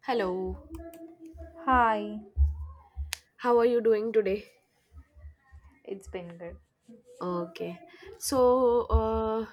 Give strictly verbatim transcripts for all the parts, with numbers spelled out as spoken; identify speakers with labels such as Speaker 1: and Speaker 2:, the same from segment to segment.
Speaker 1: Hello,
Speaker 2: Hi,
Speaker 1: how are you doing today?
Speaker 2: it's been good.
Speaker 1: Okay. So, uh,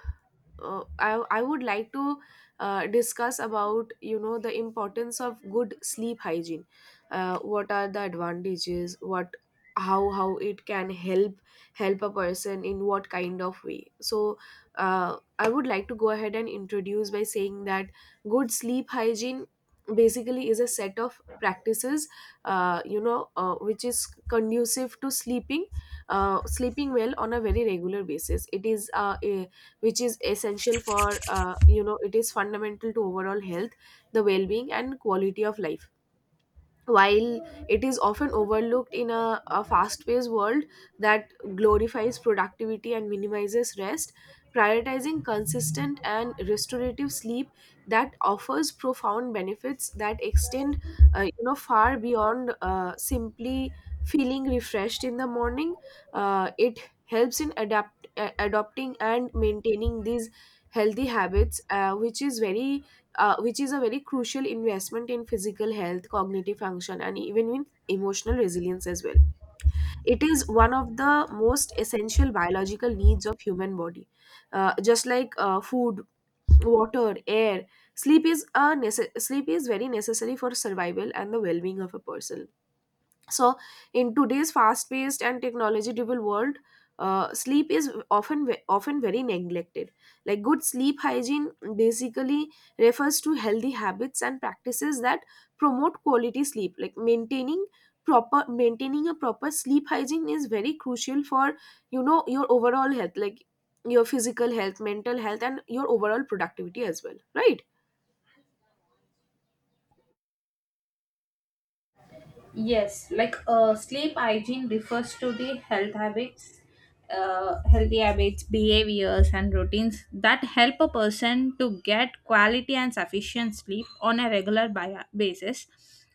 Speaker 1: uh, I I would like to uh, discuss about you know the importance of good sleep hygiene. Uh, what are the advantages? What how how it can help help a person in what kind of way? So, uh, I would like to go ahead and introduce by saying that good sleep hygiene basically is a set of practices uh, you know uh, which is conducive to sleeping uh, sleeping well on a very regular basis. It is uh, a, which is essential for, uh, you know it is fundamental to overall health, the well-being and quality of life. While it is often overlooked in a, a fast-paced world that glorifies productivity and minimizes rest, prioritizing consistent and restorative sleep that offers profound benefits that extend, uh, you know far beyond uh, simply feeling refreshed in the morning. Uh, it helps in adapt uh, adopting and maintaining these healthy habits, uh, which is very uh, which is a very crucial investment in physical health, cognitive function, and even in emotional resilience as well. It is one of the most essential biological needs of human body. Uh, just like uh, food, water, air, sleep is a nece- sleep is very necessary for survival and the well-being of a person. So, in today's fast-paced and technology-driven world, uh, sleep is often ve- often very neglected. Like, good sleep hygiene basically refers to healthy habits and practices that promote quality sleep. Like, maintaining proper maintaining a proper sleep hygiene is very crucial for, you know, your overall health, like your physical health, mental health, and your overall productivity as well, right?
Speaker 2: Yes, like uh, sleep hygiene refers to the health habits, uh, healthy habits, behaviors, and routines that help a person to get quality and sufficient sleep on a regular bi- basis.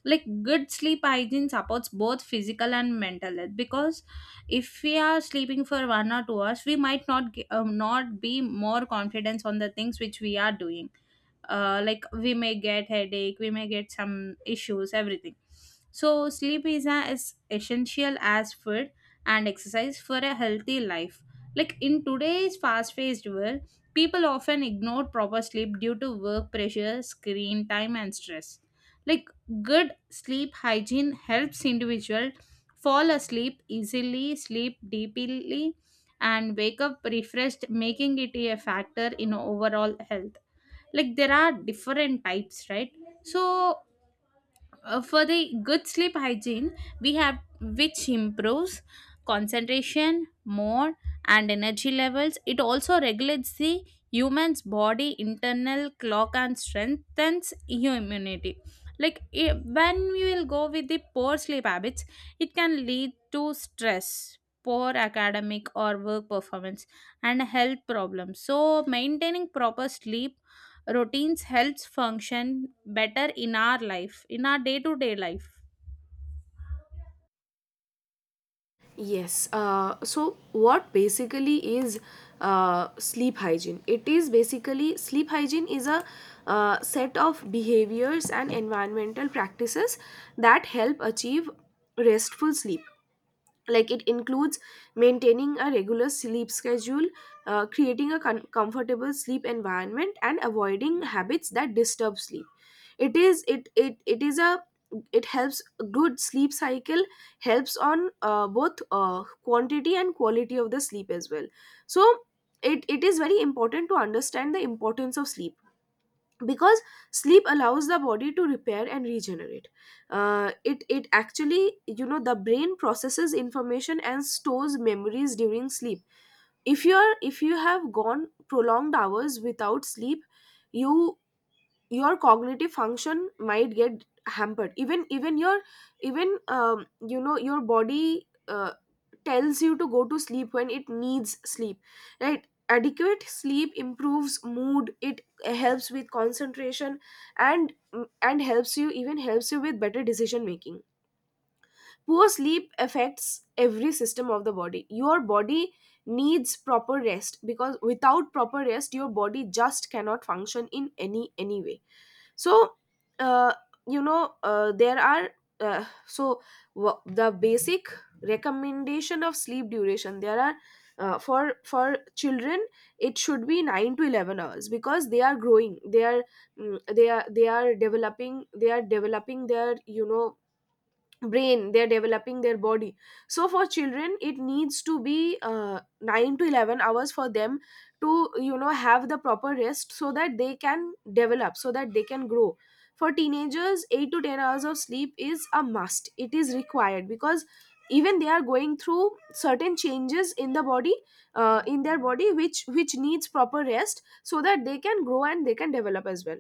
Speaker 2: Like good sleep hygiene supports both physical and mental health, because if we are sleeping for one or two hours, we might not ge- um, not be more confidence on the things which we are doing. Uh, like we may get headache, we may get some issues, everything. So sleep is as essential as food and exercise for a healthy life. Like in today's fast-paced world, people often ignore proper sleep due to work pressure, screen time, and stress. Like good sleep hygiene helps individual fall asleep easily, sleep deeply, and wake up refreshed, making it a factor in overall health. Like there are different types, right? So uh, for the good sleep hygiene, we have which improves concentration more and energy levels. It also regulates the human's body internal clock and strengthens immunity. Like i- when we will go with the poor sleep habits, it can lead to stress, poor academic or work performance, and health problems. So maintaining proper sleep routines helps function better in our life, in our day to day life.
Speaker 1: Yes. Uh, so, what basically is uh, sleep hygiene? It is basically sleep hygiene is a uh, set of behaviors and environmental practices that help achieve restful sleep. Like, it includes maintaining a regular sleep schedule, uh, creating a con- comfortable sleep environment and avoiding habits that disturb sleep. It is it it, it is a it helps a good sleep cycle, helps on uh, both uh, quantity and quality of the sleep as well. So it, it is very important to understand the importance of sleep, because sleep allows the body to repair and regenerate. Uh, it it actually, you know, the brain processes information and stores memories during sleep. If you're if you have gone prolonged hours without sleep, you, your cognitive function might get hampered. Even even your, even um, you know your body, uh, tells you to go to sleep when it needs sleep, right? Adequate sleep improves mood, it helps with concentration, and and helps you, even helps you with better decision making. Poor sleep affects every system of the body. Your body needs proper rest, because without proper rest your body just cannot function in any any way. So, uh, you know uh, there are uh, so wha- the basic recommendation of sleep duration, there are, uh, for for children it should be nine to eleven hours, because they are growing, they are, mm, they are they are developing, they are developing their, you know, brain, they're developing their body. So for children it needs to be uh, nine to eleven hours for them to, you know, have the proper rest so that they can develop, so that they can grow. For teenagers, eight to ten hours of sleep is a must, it is required, because even they are going through certain changes in the body, uh, in their body, which which needs proper rest so that they can grow and they can develop as well.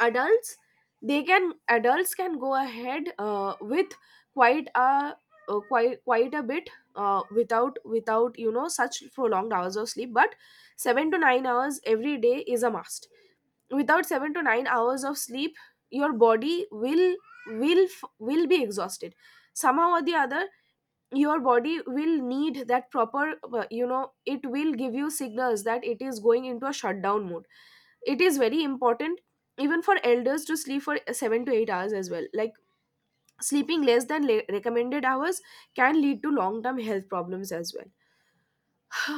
Speaker 1: Adults, they can adults can go ahead uh, with quite a uh, quite quite a bit uh, without, without you know, such prolonged hours of sleep, but seven to nine hours every day is a must. Without seven to nine hours of sleep, your body will, will f- will be exhausted somehow or the other. Your body will need that proper, uh, you know, it will give you signals that it is going into a shutdown mode. It is very important even for elders to sleep for seven to eight hours as well. Like, sleeping less than le- recommended hours can lead to long term health problems as well.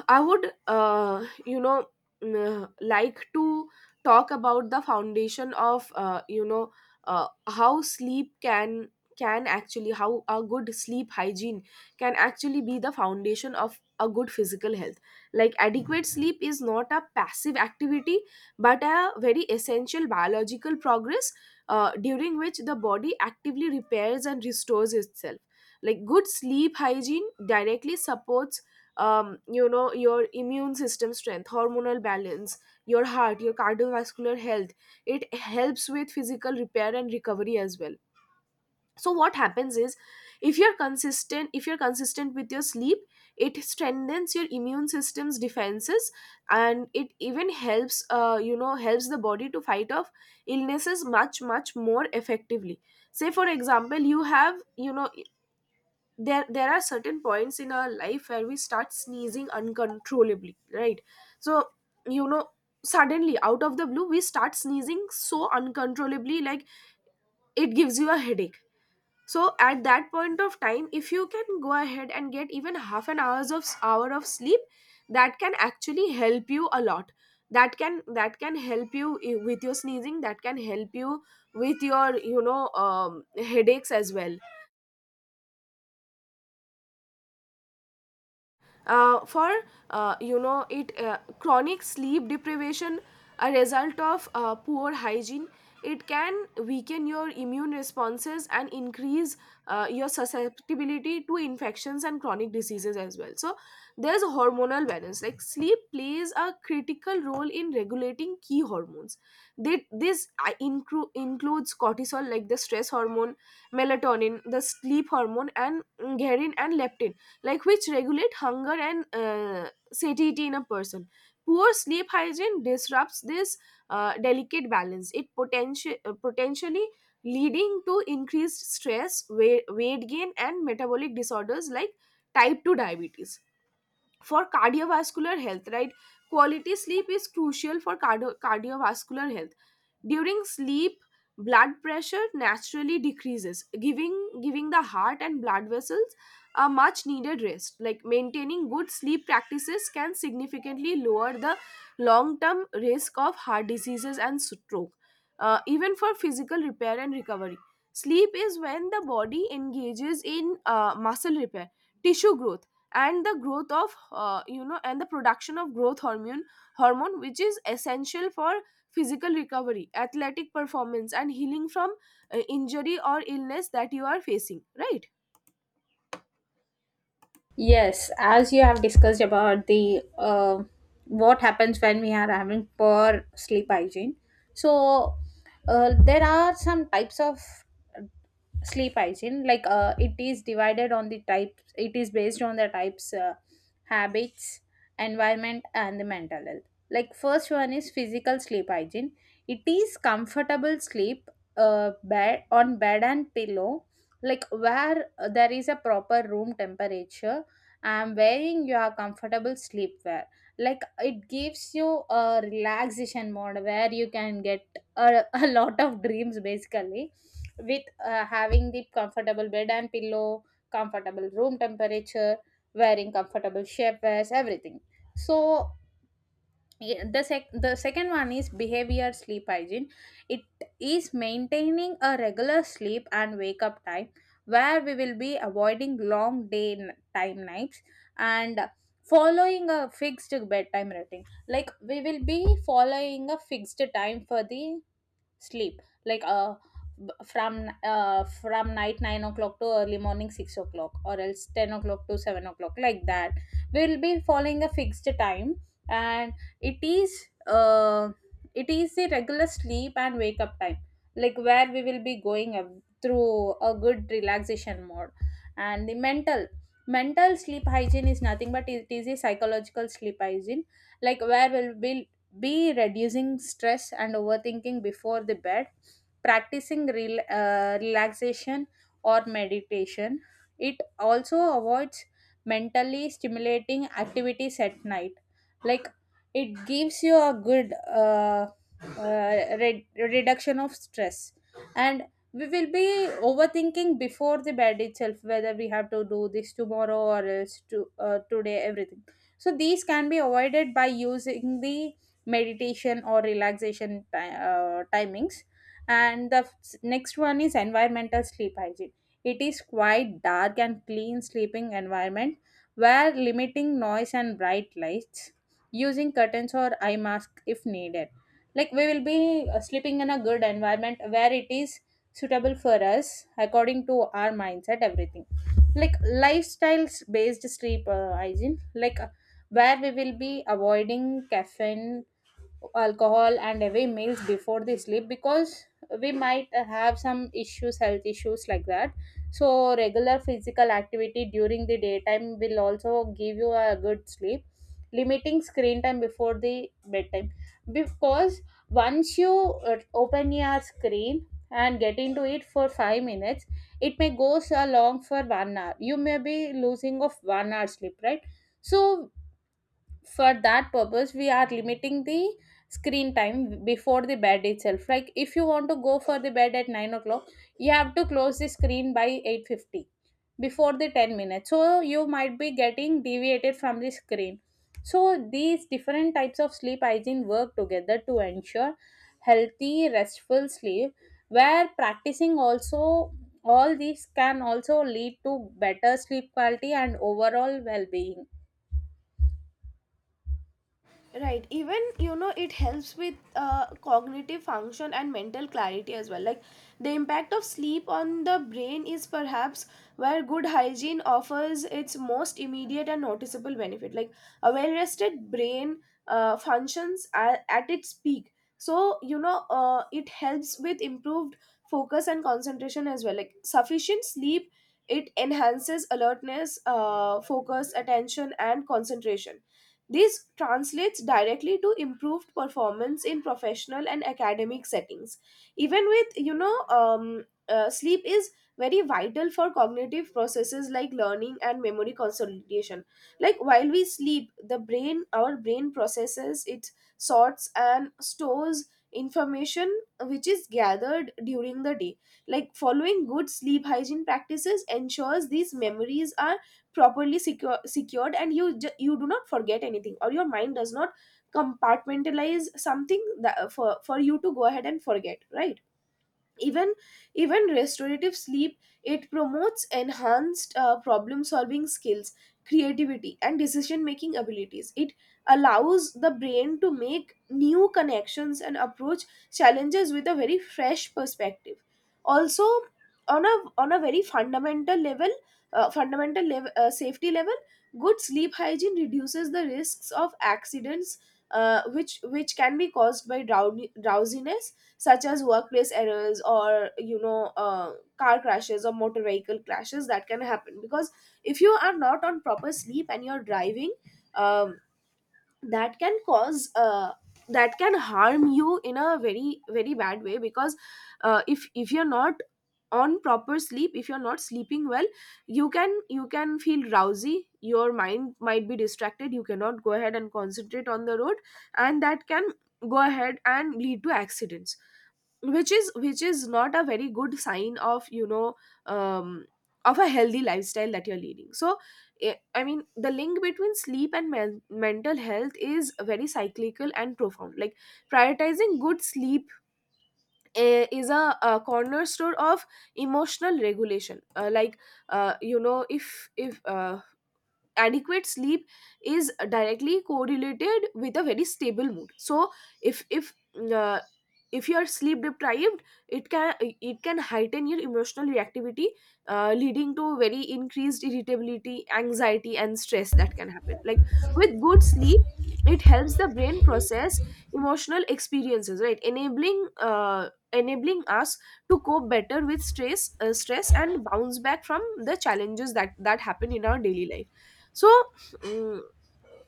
Speaker 1: I would, uh, you know, mm, uh, like to talk about the foundation of, uh, you know, uh, how sleep can can actually how a good sleep hygiene can actually be the foundation of a good physical health. Like, adequate sleep is not a passive activity, but a very essential biological progress, uh, during which the body actively repairs and restores itself. Like, good sleep hygiene directly supports, um, you know your immune system strength, hormonal balance, your heart, your cardiovascular health. It helps with physical repair and recovery as well. So what happens is, if you're consistent if you're consistent with your sleep, it strengthens your immune system's defenses, and it even helps, uh, you know helps the body to fight off illnesses much much more effectively. Say for example, you have, you know, there there are certain points in our life where we start sneezing uncontrollably, right? So, you know, suddenly out of the blue, we start sneezing so uncontrollably, like it gives you a headache. So at that point of time, if you can go ahead and get even half an hours of hour of sleep, that can actually help you a lot. That can, that can help you, eh, with your sneezing, that can help you with your, you know, um, headaches as well. Uh, for uh, you know it uh, chronic sleep deprivation, a result of uh, poor hygiene, it can weaken your immune responses and increase uh, your susceptibility to infections and chronic diseases as well. So there's a hormonal balance, like sleep plays a critical role in regulating key hormones. They, this uh, inclu- includes cortisol, like the stress hormone, melatonin, the sleep hormone, and mm, ghrelin and leptin, like, which regulate hunger and uh, satiety in a person. Poor sleep hygiene disrupts this uh, delicate balance. It potential, uh, potentially leading to increased stress, weight, weight gain, and metabolic disorders like type two diabetes. For cardiovascular health, right? Quality sleep is crucial for cardio- cardiovascular health. During sleep, blood pressure naturally decreases, giving giving the heart and blood vessels a much needed rest. Like, maintaining good sleep practices can significantly lower the long term risk of heart diseases and stroke, uh, even for physical repair and recovery. Sleep is when the body engages in uh, muscle repair, tissue growth, and the growth of uh, you know and the production of growth hormone hormone, which is essential for physical recovery, athletic performance, and healing from uh, injury or illness that you are facing, right?
Speaker 2: Yes, as you have discussed about the uh, what happens when we are having poor sleep hygiene. So uh, there are some types of sleep hygiene. Like uh, it is divided on the types. It is based on the types, uh, habits, environment, and the mental health. Like first one is physical sleep hygiene. It is comfortable sleep, uh, bed on bed and pillow, like where uh, there is a proper room temperature, I'm wearing your comfortable sleepwear. Like it gives you a relaxation mode where you can get a, a lot of dreams basically, with uh, having the comfortable bed and pillow, comfortable room temperature, wearing comfortable shapewears, everything. So yeah, the sec the second one is behavior sleep hygiene. It is maintaining a regular sleep and wake up time, where we will be avoiding long day n- time nights, and following a fixed bedtime routine. Like we will be following a fixed time for the sleep, like uh b- from uh from night nine o'clock to early morning six o'clock, or else ten o'clock to seven o'clock, like that. We'll be following a fixed time, and it is uh it is the regular sleep and wake up time, like where we will be going uh, through a good relaxation mode. And the mental mental sleep hygiene is nothing but it is a psychological sleep hygiene, like where we'll be B. Reducing stress and overthinking before the bed. Practicing rel- uh, relaxation or meditation. It also avoids mentally stimulating activities at night. Like it gives you a good uh, uh, re- reduction of stress. And we will be overthinking before the bed itself, whether we have to do this tomorrow or else to, uh, today, everything. So these can be avoided by using the meditation or relaxation ti- uh, timings. And the s- next one is environmental sleep hygiene. It is quite dark and clean sleeping environment, where limiting noise and bright lights, using curtains or eye mask if needed. Like we will be uh, sleeping in a good environment where it is suitable for us according to our mindset, everything. Like lifestyles based sleep uh, hygiene, like uh, where we will be avoiding caffeine, alcohol, and heavy meals before the sleep, because we might have some issues, health issues, like that. So regular physical activity during the daytime will also give you a good sleep. Limiting screen time before the bedtime, because once you uh, open your screen and get into it for five minutes, it may goes along for one hour, you may be losing of one hour sleep, right? So for that purpose we are limiting the screen time before the bed itself. Like if you want to go for the bed at nine o'clock, you have to close the screen by eight fifty, before the ten minutes, so you might be getting deviated from the screen. So these different types of sleep hygiene work together to ensure healthy restful sleep, where practicing also all these can also lead to better sleep quality and overall well-being.
Speaker 1: Right. Even, you know, it helps with uh, cognitive function and mental clarity as well. Like, the impact of sleep on the brain is perhaps where good hygiene offers its most immediate and noticeable benefit. Like, a well rested brain uh, functions at, at its peak. So, you know, uh, it helps with improved focus and concentration as well. Like, sufficient sleep, it enhances alertness, uh, focus, attention, and concentration. This translates directly to improved performance in professional and academic settings. Even with, you know, um, uh, sleep is very vital for cognitive processes like learning and memory consolidation. Like, while we sleep, the brain, our brain processes, it sorts and stores information which is gathered during the day. Like, following good sleep hygiene practices ensures these memories are properly secure, secured, and you ju- you do not forget anything, or your mind does not compartmentalize something that, for for you to go ahead and forget, right? Even, even restorative sleep, it promotes enhanced uh, problem solving skills, creativity and decision making abilities. It allows the brain to make new connections and approach challenges with a very fresh perspective. Also, on a, on a very fundamental level, uh, fundamental level uh, safety level, good sleep hygiene reduces the risks of accidents, uh, which which can be caused by drown- drowsiness, such as workplace errors or, you know, uh, car crashes or motor vehicle crashes that can happen. Because if you are not on proper sleep and you're driving, um, that can cause, uh, that can harm you in a very very bad way. Because uh, if if you're not on proper sleep, if you're not sleeping well, you can, you can feel drowsy, your mind might be distracted, you cannot go ahead and concentrate on the road, and that can go ahead and lead to accidents, which is, which is not a very good sign of, you know, um, of a healthy lifestyle that you're leading. So I I mean, the link between sleep and men- mental health is very cyclical and profound. Like, prioritizing good sleep, eh, is a, a cornerstone of emotional regulation. Uh, like, uh, you know, if if uh, adequate sleep is directly correlated with a very stable mood, so if if uh, if you are sleep deprived, it can it can heighten your emotional reactivity, uh, leading to very increased irritability, anxiety, and stress that can happen. Like, with good sleep, it helps the brain process emotional experiences, right? Enabling uh, enabling us to cope better with stress uh, stress and bounce back from the challenges that that happen in our daily life. So mm,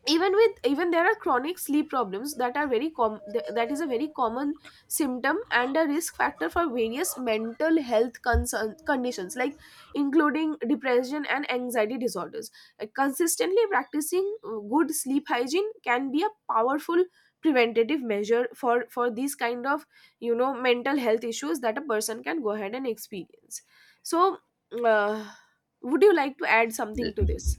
Speaker 1: even with even there are chronic sleep problems that are very com- th- that is a very common symptom and a risk factor for various mental health concern- conditions like, including depression and anxiety disorders. Uh, consistently practicing uh, good sleep hygiene can be a powerful preventative measure for for these kind of, you know mental health issues that a person can go ahead and experience. So uh, would you like to add something to this?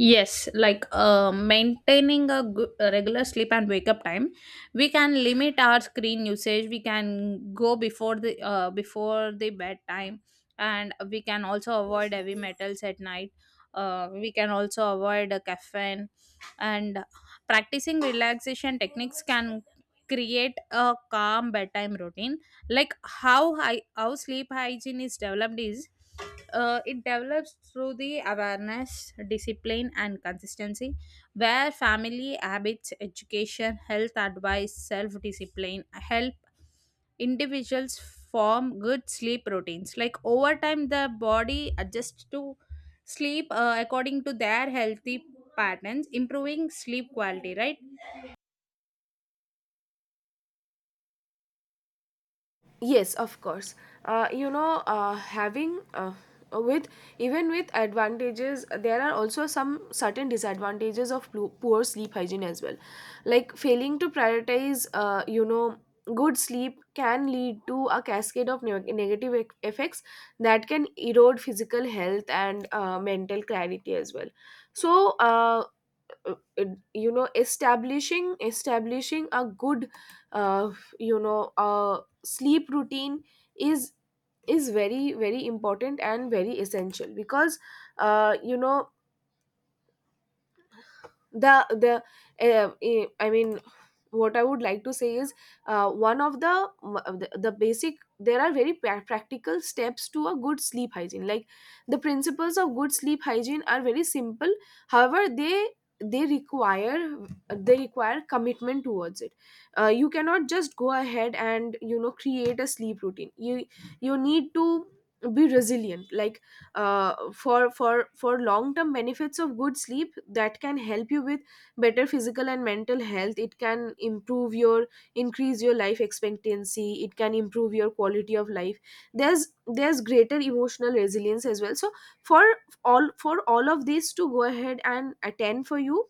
Speaker 2: Yes, like uh, maintaining a, good, a regular sleep and wake up time, we can limit our screen usage. We can go before the uh, before the bedtime, and we can also avoid heavy metals at night. Uh, we can also avoid uh, caffeine, and practicing relaxation techniques can create a calm bedtime routine. Like how hy- how sleep hygiene is developed is uh, it develops through the awareness, discipline, and consistency, where family habits, education, health advice, self discipline help individuals form good sleep routines. Like over time, the body adjusts to sleep uh, according to their healthy patterns, improving sleep quality, right?
Speaker 1: Yes, of course. Uh, you know, uh, having uh, with even with advantages, there are also some certain disadvantages of plu- poor sleep hygiene as well. Like, failing to prioritize, uh, you know, good sleep can lead to a cascade of neg- negative e- effects that can erode physical health and, uh, mental clarity as well. So, uh, uh, uh, you know establishing establishing a good, uh, you know uh, sleep routine is is very very important and very essential, because uh, you know the the uh, eh, I mean what I would like to say is, uh, one of the the the basic there are very pra- practical steps to a good sleep hygiene. Like, the principles of good sleep hygiene are very simple, however they they require they require commitment towards it. Uh, you cannot just go ahead and, you know create a sleep routine. You you need to be resilient, like, uh, for for for long term benefits of good sleep that can help you with better physical and mental health. It can improve your increase your life expectancy, it can improve your quality of life. There's there's greater emotional resilience as well. So, for all for all of this to go ahead and attend for you,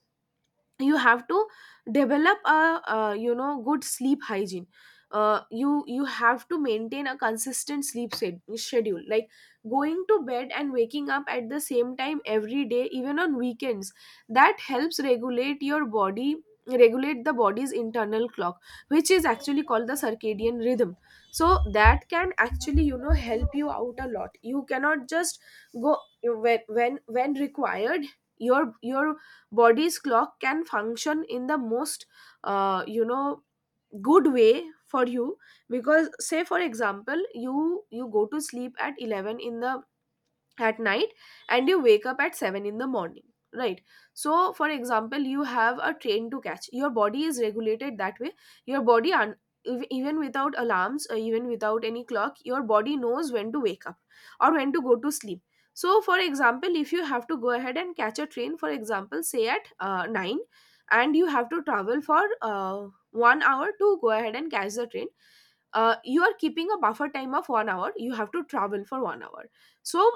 Speaker 1: you have to develop a, uh you know good sleep hygiene. Uh, you you have to maintain a consistent sleep sed- schedule, like going to bed and waking up at the same time every day, even on weekends. That helps regulate your body regulate the body's internal clock, which is actually called the circadian rhythm. So that can actually, you know help you out a lot. You cannot just go when when when required, your your body's clock can function in the most, uh, you know good way for you. Because, say for example, you you go to sleep at eleven in the at night, and you wake up at seven in the morning, right? So for example, you have a train to catch, your body is regulated that way. Your body un- ev- Even without alarms, or even without any clock, your body knows when to wake up, or when to go to sleep. So for example, if you have to go ahead and catch a train, for example, say at uh, nine, and you have to travel for uh, one hour to go ahead and catch the train. Uh, you are keeping a buffer time of one hour, you have to travel for one hour. So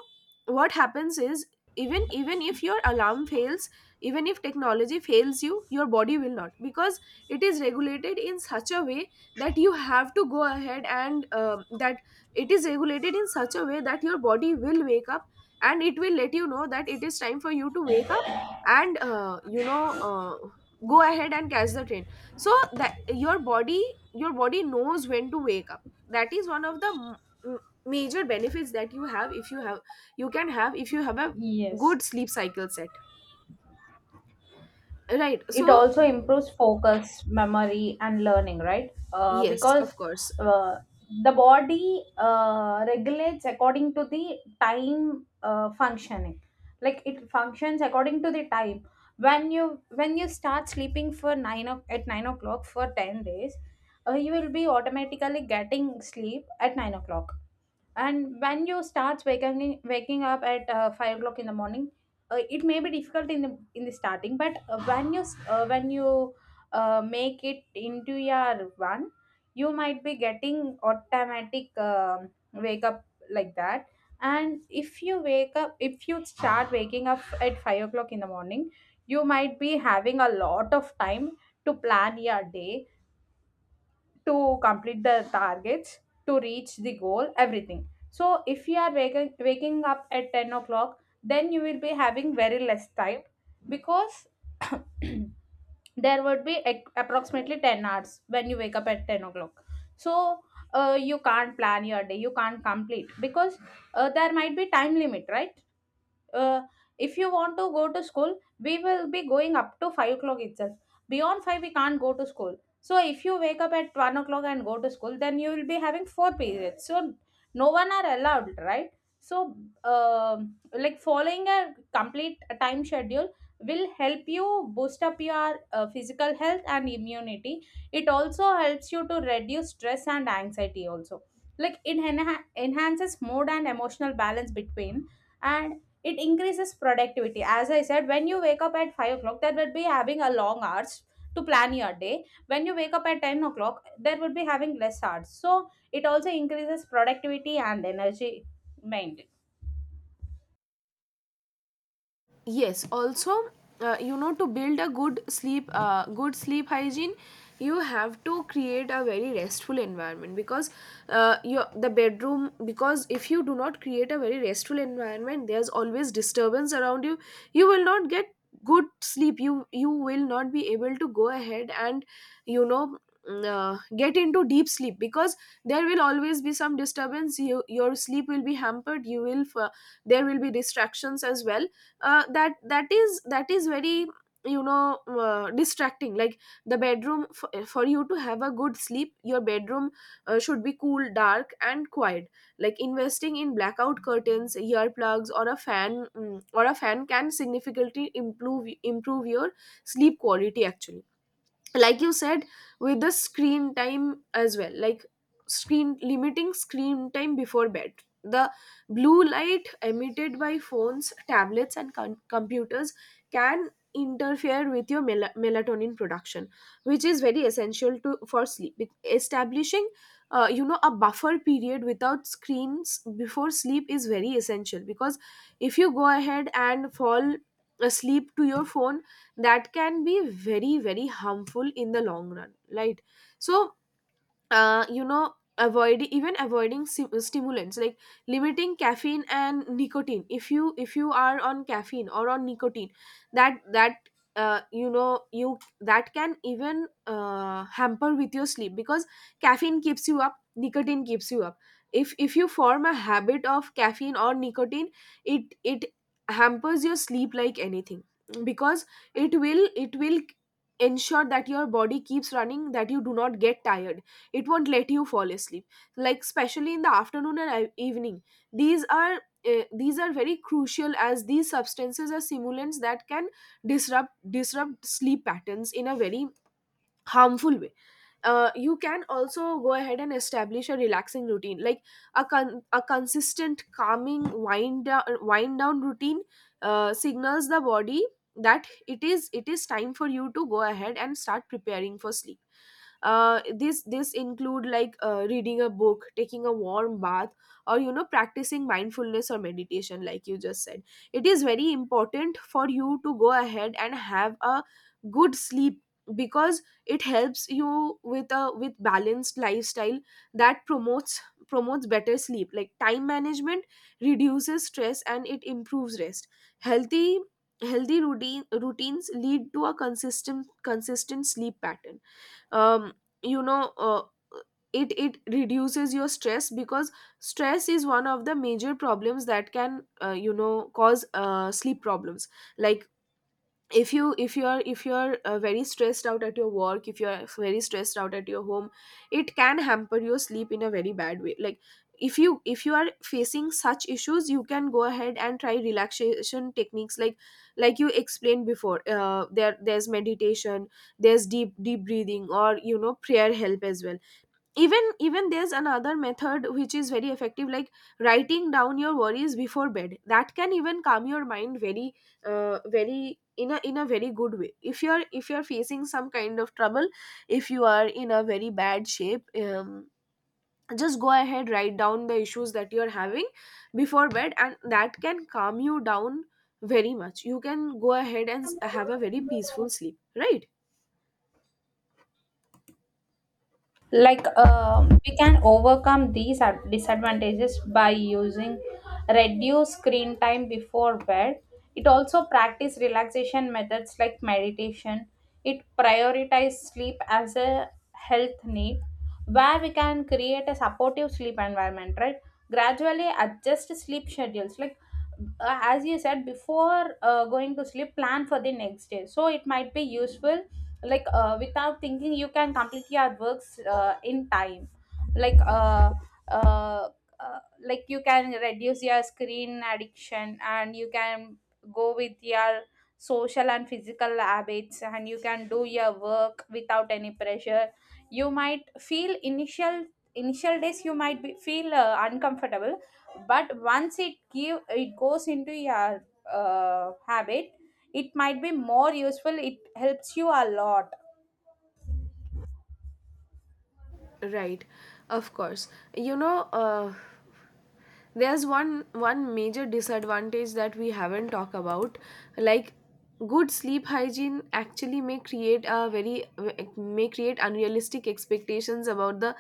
Speaker 1: what happens is, even even if your alarm fails, even if technology fails you, your body will not, because it is regulated in such a way, that you have to go ahead and um that it is regulated in such a way that your body will wake up, and it will let you know that it is time for you to wake up, and uh, you know uh, go ahead and catch the train, so that your body your body knows when to wake up. That is one of the m- m- major benefits that you have if you have, you can have if you have a
Speaker 2: Yes.
Speaker 1: good sleep cycle set, right?
Speaker 2: It
Speaker 1: So,
Speaker 2: also improves focus, memory, and learning, right? Uh,
Speaker 1: yes, of
Speaker 2: because
Speaker 1: course.
Speaker 2: uh, the body uh, regulates according to the time, uh, functioning. Like it functions according to the time, when you when you start sleeping for 9 o- at nine o'clock for ten days. Uh, you will be automatically getting sleep at nine o'clock, and when you start waking waking up at uh, five o'clock in the morning. Uh, it may be difficult in the in the starting, but uh, when you s- uh, when you uh, make it into your one, you might be getting automatic um, wake up, like that. And if you wake up, if you start waking up at five o'clock in the morning, you might be having a lot of time to plan your day, to complete the targets, to reach the goal, everything. So if you are waking, waking up at ten o'clock, then you will be having very less time, because there would be ac- approximately ten hours when you wake up at ten o'clock. So uh, you can't plan your day, you can't complete, because uh, there might be time limit, right? uh, if you want to go to school, we will be going up to five o'clock itself, beyond five we can't go to school. So if you wake up at one o'clock and go to school, then you will be having four periods, so no one are allowed, right? So um like following a complete time schedule will help you boost up your uh, physical health and immunity. It also helps you to reduce stress and anxiety also, like it enha- enhances mood and emotional balance between, and it increases productivity. As I said, when you wake up at five o'clock, that would be having a long hours to plan your day; when you wake up at ten o'clock, there would be having less hours, so it also increases productivity and energy maintained.
Speaker 1: Yes, also, uh, you know to build a good sleep uh, good sleep hygiene, you have to create a very restful environment. Because, uh, your the bedroom, because if you do not create a very restful environment, there's always disturbance around you, you will not get good sleep. You you will not be able to go ahead and, you know mm, uh, get into deep sleep, because there will always be some disturbance. You your sleep will be hampered, you will f- there will be distractions as well. Uh, that that is that is very, you know uh, distracting. Like, the bedroom f- for you to have a good sleep, your bedroom uh, should be cool, dark, and quiet. Like, investing in blackout curtains, earplugs, or a fan mm, or a fan can significantly improve improve your sleep quality actually. Like you said, with the screen time as well, like, screen limiting screen time before bed, the blue light emitted by phones, tablets, and com- computers can interfere with your mel- melatonin production, which is very essential to for sleep. Be- establishing, uh, you know a buffer period without screens before sleep is very essential, because if you go ahead and fall asleep to your phone, that can be very very harmful in the long run, right? So, uh, you know avoid even avoiding sim- stimulants, like limiting caffeine and nicotine. If you if you are on caffeine or on nicotine, that that uh, you know you that can even uh, hamper with your sleep, because caffeine keeps you up, nicotine keeps you up. If if you form a habit of caffeine or nicotine, it it hampers your sleep like anything, because it will it will ensure that your body keeps running, that you do not get tired, it won't let you fall asleep. Like, especially in the afternoon and e- evening, these are uh, these are very crucial, as these substances are stimulants that can disrupt disrupt sleep patterns in a very harmful way. Uh, you can also go ahead and establish a relaxing routine, like a, con- a consistent calming wind down, wind down routine uh, signals the body that it is it is time for you to go ahead and start preparing for sleep. Uh, this this include, like, uh, reading a book, taking a warm bath, or you know practicing mindfulness or meditation, like you just said. It is very important for you to go ahead and have a good sleep, because it helps you with a with balanced lifestyle that promotes promotes better sleep. Like, time management reduces stress and it improves rest. Healthy healthy routine routines lead to a consistent consistent sleep pattern. um, you know uh, it it reduces your stress, because stress is one of the major problems that can, uh, you know cause uh, sleep problems. Like, if you if you are if you are uh, very stressed out at your work, if you are very stressed out at your home, it can hamper your sleep in a very bad way. Like, if you if you are facing such issues, you can go ahead and try relaxation techniques, like like you explained before. Uh, there there's meditation, there's deep deep breathing, or, you know, prayer help as well. Even even there's another method which is very effective, like writing down your worries before bed, that can even calm your mind very, uh, very, in a in a very good way, if you're if you're facing some kind of trouble. If you are in a very bad shape, um, just go ahead, write down the issues that you're having before bed, and that can calm you down very much. You can go ahead and s- have a very peaceful sleep, right?
Speaker 2: Like uh, we can overcome these ad- disadvantages by using reduce screen time before bed. It also practice relaxation methods like meditation, it prioritize sleep as a health need, where we can create a supportive sleep environment, right? Gradually adjust sleep schedules, like uh, as you said before, uh, going to sleep plan for the next day, so it might be useful. Like uh, without thinking you can complete your works uh, in time. Like uh, uh, uh, like you can reduce your screen addiction, and you can go with your social and physical habits, and you can do your work without any pressure. You might feel initial initial days, you might be, feel uh, uncomfortable. But once it give it goes into your uh, habit, it might be more useful, it helps you a lot,
Speaker 1: Right, of course. you know uh, there's one one major disadvantage that we haven't talked about. Like, good sleep hygiene actually may create a very may create unrealistic expectations about the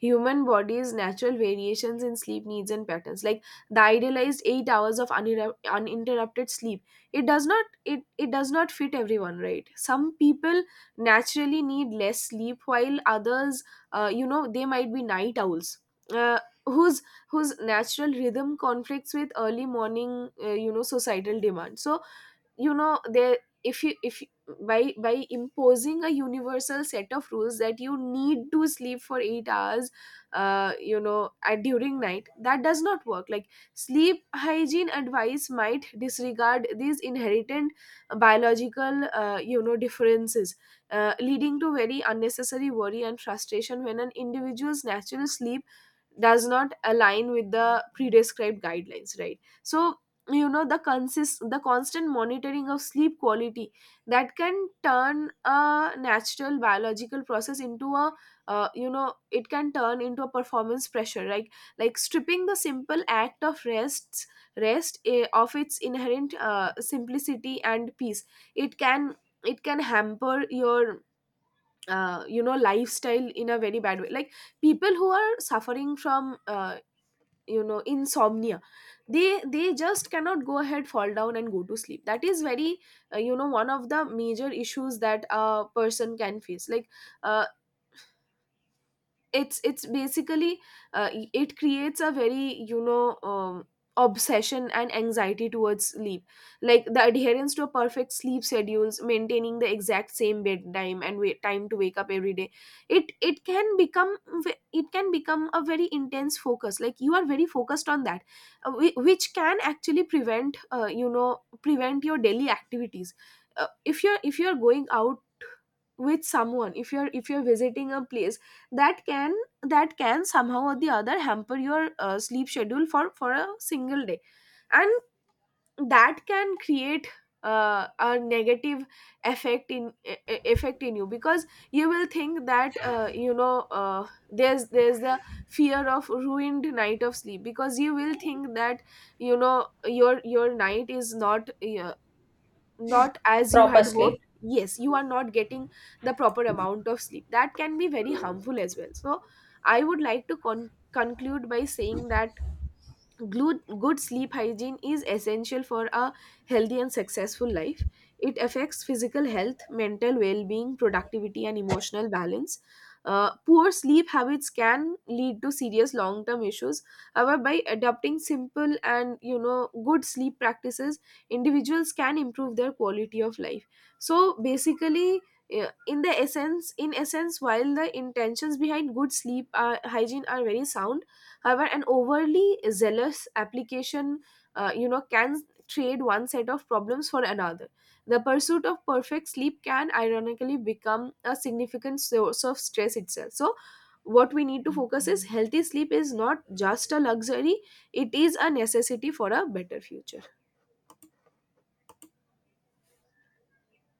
Speaker 1: human body's natural variations in sleep needs and patterns, like the idealized eight hours of uninter- uninterrupted sleep. It does not it it does not fit everyone, right? Some people naturally need less sleep, while others, uh, you know they might be night owls, uh, whose whose natural rhythm conflicts with early morning, uh, you know societal demand. So, you know there if you if you- by by imposing a universal set of rules that you need to sleep for eight hours, uh, you know at during night, that does not work. Like, sleep hygiene advice might disregard these inherent biological, uh, you know differences, uh, leading to very unnecessary worry and frustration when an individual's natural sleep does not align with the pre-described guidelines, right? So you know the consist the constant monitoring of sleep quality, that can turn a natural biological process into a, uh, you know it can turn into a performance pressure, right? Like, stripping the simple act of rest rest eh, of its inherent uh, simplicity and peace. It can it can hamper your, uh, you know lifestyle in a very bad way. Like, people who are suffering from, uh, you know insomnia, they they just cannot go ahead, fall down, and go to sleep. That is very, uh, you know one of the major issues that a person can face. Like, uh, it's it's basically, uh, it creates a very, you know um, obsession and anxiety towards sleep. Like, the adherence to a perfect sleep schedules, maintaining the exact same bedtime and wait, time to wake up every day, it it can become ve- it can become a very intense focus, like you are very focused on that. uh, whi- which can actually prevent uh, you know prevent your daily activities. Uh, if you're if you're going out with someone, if you're if you're visiting a place, that can that can somehow or the other hamper your, uh, sleep schedule for for a single day. And that can create, uh, a negative effect in e- e- effect in you, because you will think that, uh, you know uh, there's there's the fear of ruined night of sleep, because you will think that, you know your your night is not, uh, not as you
Speaker 2: proper
Speaker 1: had hoped.
Speaker 2: sleep.
Speaker 1: Yes, you are not getting the proper amount of sleep, that can be very harmful as well. So, I would like to con- conclude by saying that Glu- good sleep hygiene is essential for a healthy and successful life. It affects physical health, mental well being, productivity, and emotional balance. Uh, poor sleep habits can lead to serious long term issues. However, by adopting simple and, you know good sleep practices, individuals can improve their quality of life. So basically, yeah, in the essence, in essence, while the intentions behind good sleep uh, hygiene are very sound. However, an overly zealous application, uh, you know, can trade one set of problems for another. The pursuit of perfect sleep can ironically become a significant source of stress itself. So, what we need to focus is, healthy sleep is not just a luxury; it is a necessity for a better future.